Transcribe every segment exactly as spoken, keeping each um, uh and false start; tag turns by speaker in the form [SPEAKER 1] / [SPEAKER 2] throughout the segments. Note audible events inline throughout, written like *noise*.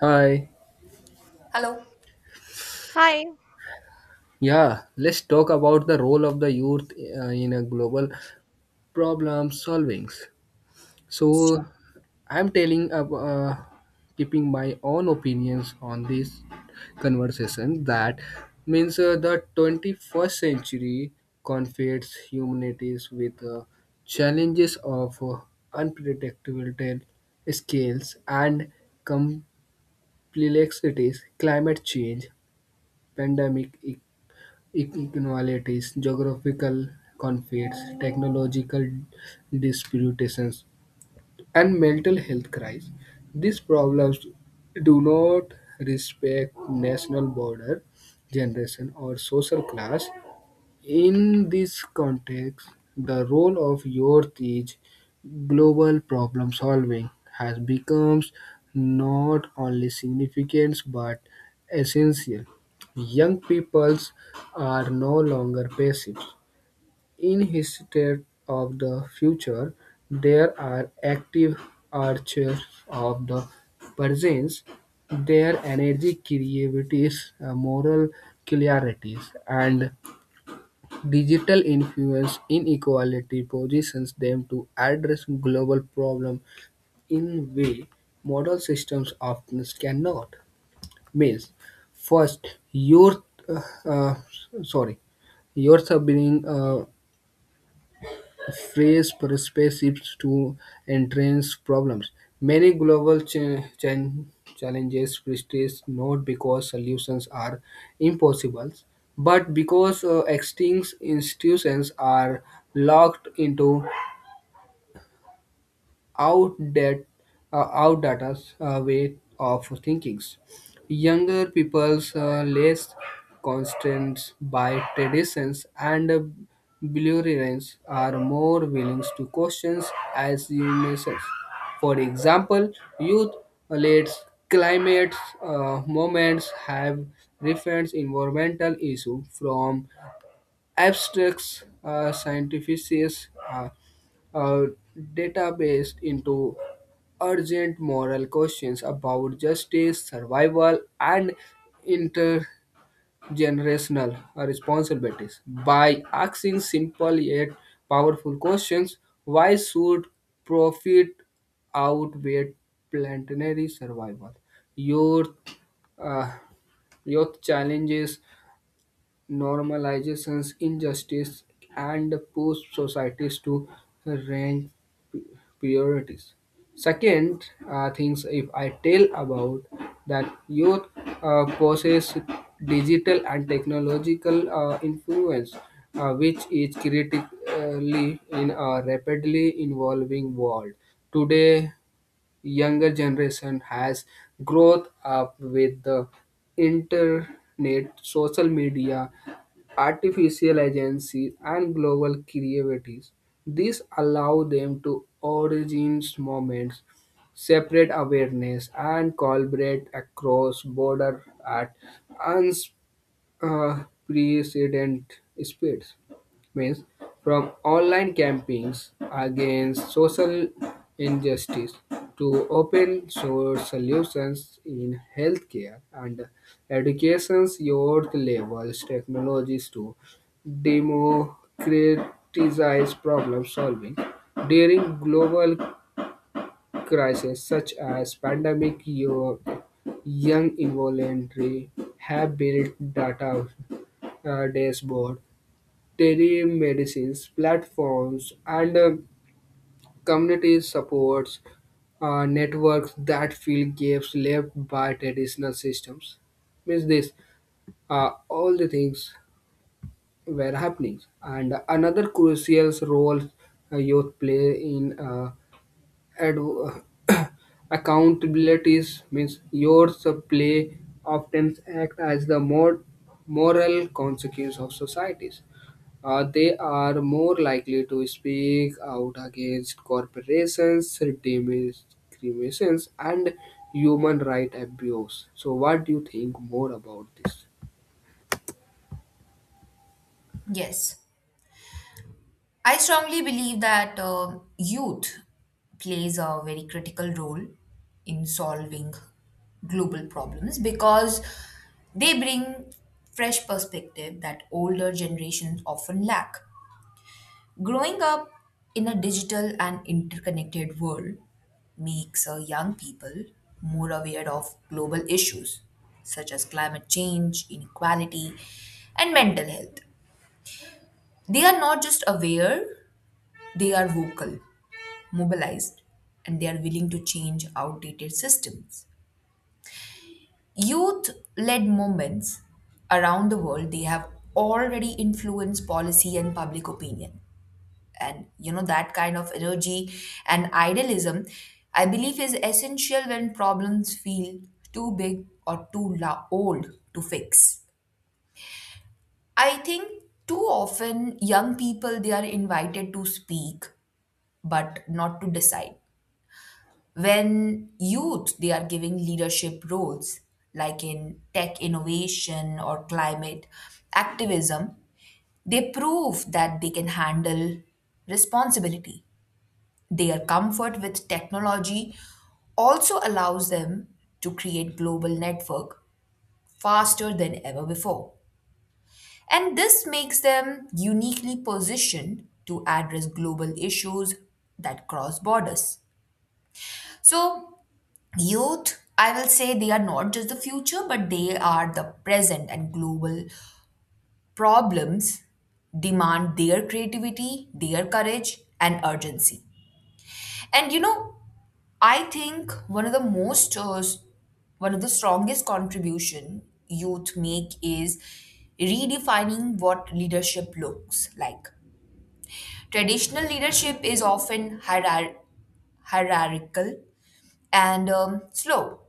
[SPEAKER 1] Hi.
[SPEAKER 2] Hello.
[SPEAKER 3] Hi.
[SPEAKER 1] Yeah, let's talk about the role of the youth uh, in a global problem solvings. So, I'm telling ab- uh, keeping my own opinions on this conversation that means uh, the twenty-first century confronts humanities with uh, challenges of uh, unpredictable scales and complexities, climate change, pandemic e- inequalities, geographical conflicts, technological disputations, and mental health crises. These problems do not respect national border, generation, or social class. In this context, the role of youth is global problem solving has become not only significant but essential. Young peoples are no longer passive. In his state of the future, there are active archers of the presence. Their energy, creativity, moral clarity, and digital influence inequality positions them to address global problems in way model systems often cannot. Means, first, youth, uh, uh, sorry, youth are being uh, phrase participates to entrance problems. Many global cha- chan- challenges persist not because solutions are impossible, but because uh, existing institutions are locked into outdated, uh, outdated uh, way of thinking. Younger people's uh, less constrained by traditions and uh, beliefs are more willing to question assumptions. For example, youth led climate uh, movements have referenced environmental issues from abstracts uh, scientific uh, uh, database into urgent moral questions about justice, survival, and intergenerational responsibilities. By asking simple yet powerful questions, why should profit outweigh planetary survival? Your uh, Youth challenges normalizes injustice and pushes societies to rank priorities. Second, uh, things if I tell about that youth uh, possess digital and technological uh, influence, uh, which is critically in a rapidly evolving world. Today, younger generation has growth up with the internet, social media, artificial agencies, and global creativities. This allow them to origins moments, separate awareness, and collaborate across border at uh, precedent speeds means from online campaigns against social injustice to open source solutions in healthcare and education's youth levels technologies to democratize problem solving during global crises such as pandemic your young involuntary have built data uh, dashboard, telemedicines platforms, and uh, community supports uh, networks that fill gaps left by traditional systems. Means this, uh, all the things were happening. And another crucial role uh, youth play in uh, adv- *coughs* *clears throat* accountabilities means your play often act as the more moral consequence of societies. Uh, they are more likely to speak out against corporations, discriminations, and human right abuse. So, what do you think more about this?
[SPEAKER 2] Yes. I strongly believe that um youth plays a very critical role in solving global problems because they bring fresh perspective that older generations often lack. Growing up in a digital and interconnected world makes uh, young people more aware of global issues such as climate change, inequality, and mental health. They are not just aware, they are vocal, mobilized, and they are willing to change outdated systems. Youth led movements around the world, they have already influenced policy and public opinion. And you know, that kind of energy and idealism, I believe, is essential when problems feel too big or too la- old to fix. I think too often young people they are invited to speak but not to decide. When youth they are giving leadership roles like in tech innovation or climate activism, they prove that they can handle responsibility. Their comfort with technology also allows them to create global network faster than ever before. And this makes them uniquely positioned to address global issues that cross borders. So, youth, I will say they are not just the future, but they are the present, and global problems demand their creativity, their courage, and urgency. And you know, I think one of the most, uh, s- one of the strongest contribution youth make is redefining what leadership looks like. Traditional leadership is often hierar- hierarchical and um, slow.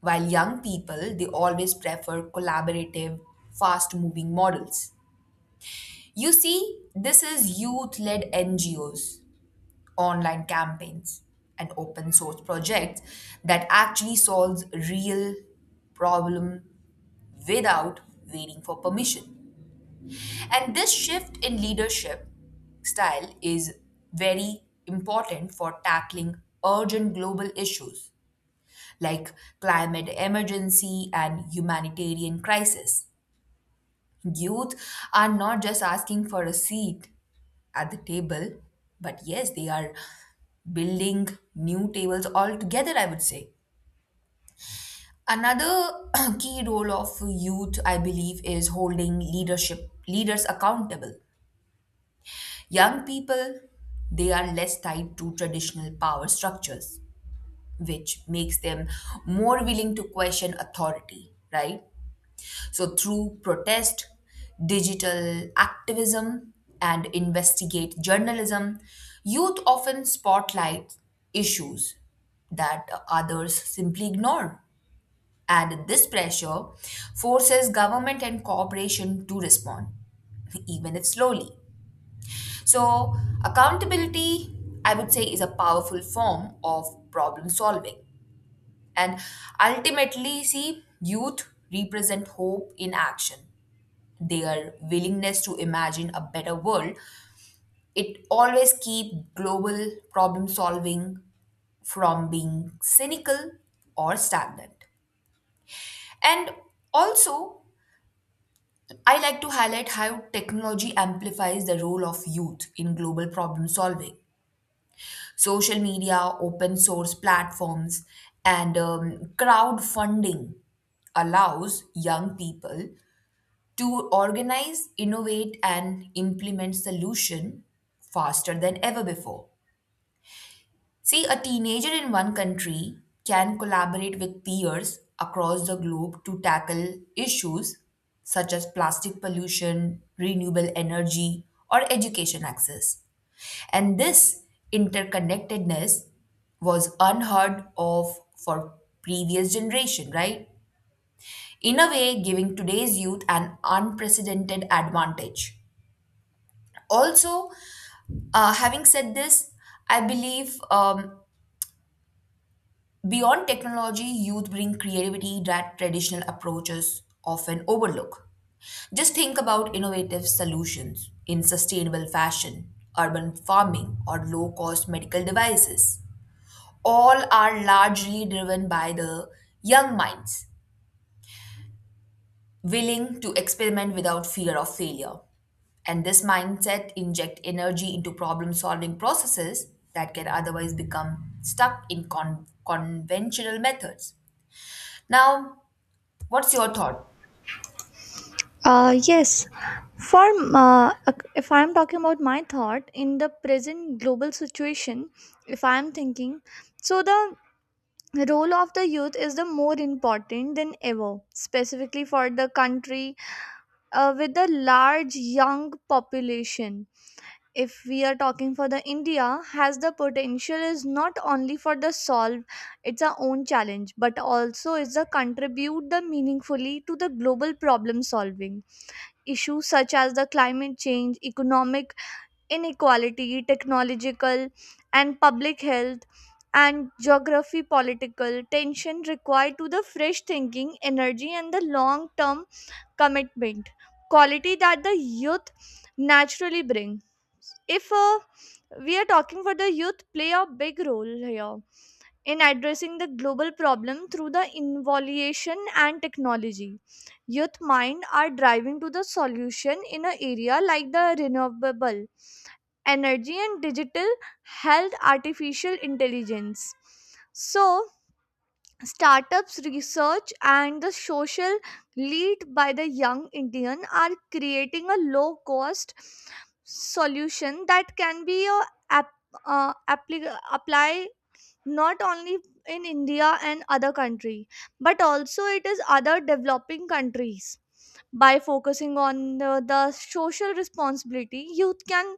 [SPEAKER 2] While young people, they always prefer collaborative, fast moving models. You see, this is youth led N G Os, online campaigns, and open source projects that actually solves real problem without waiting for permission. And this shift in leadership style is very important for tackling urgent global issues like climate emergency and humanitarian crisis. Youth are not just asking for a seat at the table, but yes, they are building new tables altogether, I would say. Another *clears throat* key role of youth, I believe, is holding leadership leaders accountable. Young people, they are less tied to traditional power structures, which makes them more willing to question authority, right? So, through protest, digital activism, and investigative journalism, youth often spotlight issues that others simply ignore. And this pressure forces government and corporation to respond, even if slowly. So, accountability, I would say, is a powerful form of problem solving. And ultimately, see, youth represent hope in action their willingness to imagine a better world, it always keep global problem solving from being cynical or stagnant. And also, I like to highlight how technology amplifies the role of youth in global problem solving. Social media, open source platforms, and um, crowdfunding allows young people to organize, innovate, and implement solution faster than ever before. See, a teenager in one country can collaborate with peers across the globe to tackle issues such as plastic pollution, renewable energy, or education access. And this interconnectedness was unheard of for previous generation, right? In a way, giving today's youth an unprecedented advantage. Also, uh, having said this, I believe um, beyond technology, youth bring creativity that traditional approaches often overlook. Just think about innovative solutions in sustainable fashion, urban farming, or low cost medical devices. All are largely driven by the young minds willing to experiment without fear of failure. And this mindset inject energy into problem solving processes that can otherwise become stuck in con- conventional methods. Now, what's your thought?
[SPEAKER 3] Uh, yes, for uh, if I'm talking about my thought in the present global situation, if I'm thinking, so the role of the youth is the more important than ever, specifically for the country uh, with the large young population. If we are talking for the India, has the potential is not only for the solve its a own challenge, but also is the contribute the meaningfully to the global problem solving issues such as the climate change, economic inequality, technological and public health and geography political tension required to the fresh thinking, energy and the long term commitment. Quality that the youth naturally bring. If uh, we are talking for the youth play a big role here in addressing the global problem through the innovation and technology. Youth mind are driving to the solution in an area like the renewable energy and digital health artificial intelligence. So startups research and the social lead by the young Indian are creating a low cost solution that can be a app, uh, applic- apply not only in India and other country, but also it is other developing countries. By focusing on the, the social responsibility, youth can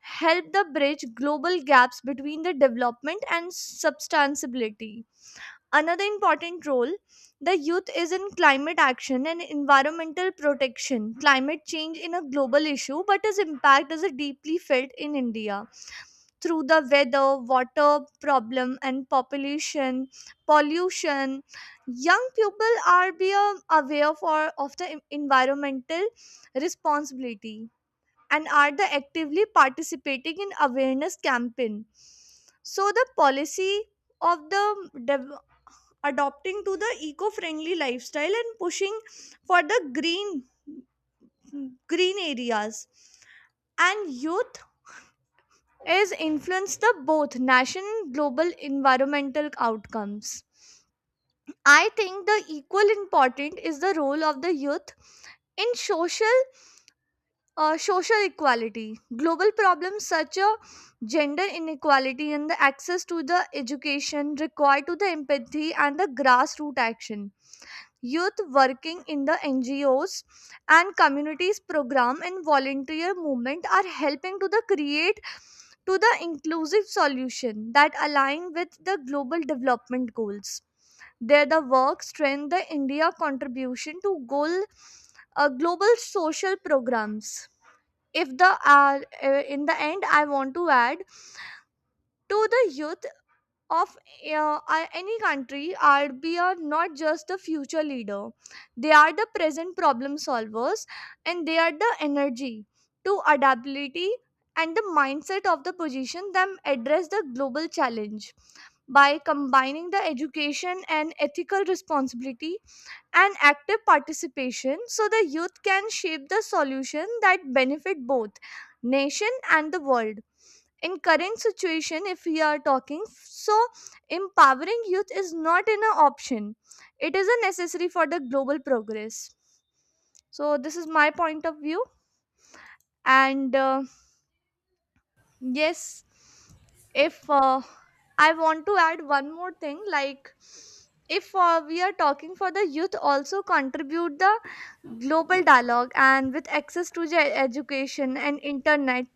[SPEAKER 3] help the bridge global gaps between the development and substantiability. Another important role the youth is in climate action and environmental protection. Climate change in a global issue, but its impact is deeply felt in India through the weather, water problem, and population pollution. Young people are being aware for of the en- environmental responsibility and are the actively participating in awareness campaign. So the policy of the dev- adopting to the eco-friendly lifestyle and pushing for the green green areas and youth is influence the both national and global environmental outcomes. I think the equal important is the role of the youth in social uh, social equality. Global problems such as gender inequality and the access to the education require to the empathy and the grassroots action youth working in the N G Os and communities program and volunteer movement are helping to the create to the inclusive solution that align with the global development goals. There the work strengthen the India contribution to goal uh, global social programs. If the uh, uh, In the end, I want to add to the youth of uh, uh, any country are be are not just the future leader, they are the present problem solvers, and they are the energy to adaptability and the mindset of the position them address the global challenge by combining the education and ethical responsibility and active participation, so the youth can shape the solution that benefit both nation and the world. In current situation, if we are talking, so empowering youth is not an option, it is a necessary for the global progress. So this is my point of view. And uh, yes. if uh, I want to add one more thing, like, if uh, we are talking for the youth also contribute the global dialogue and with access to the education and internet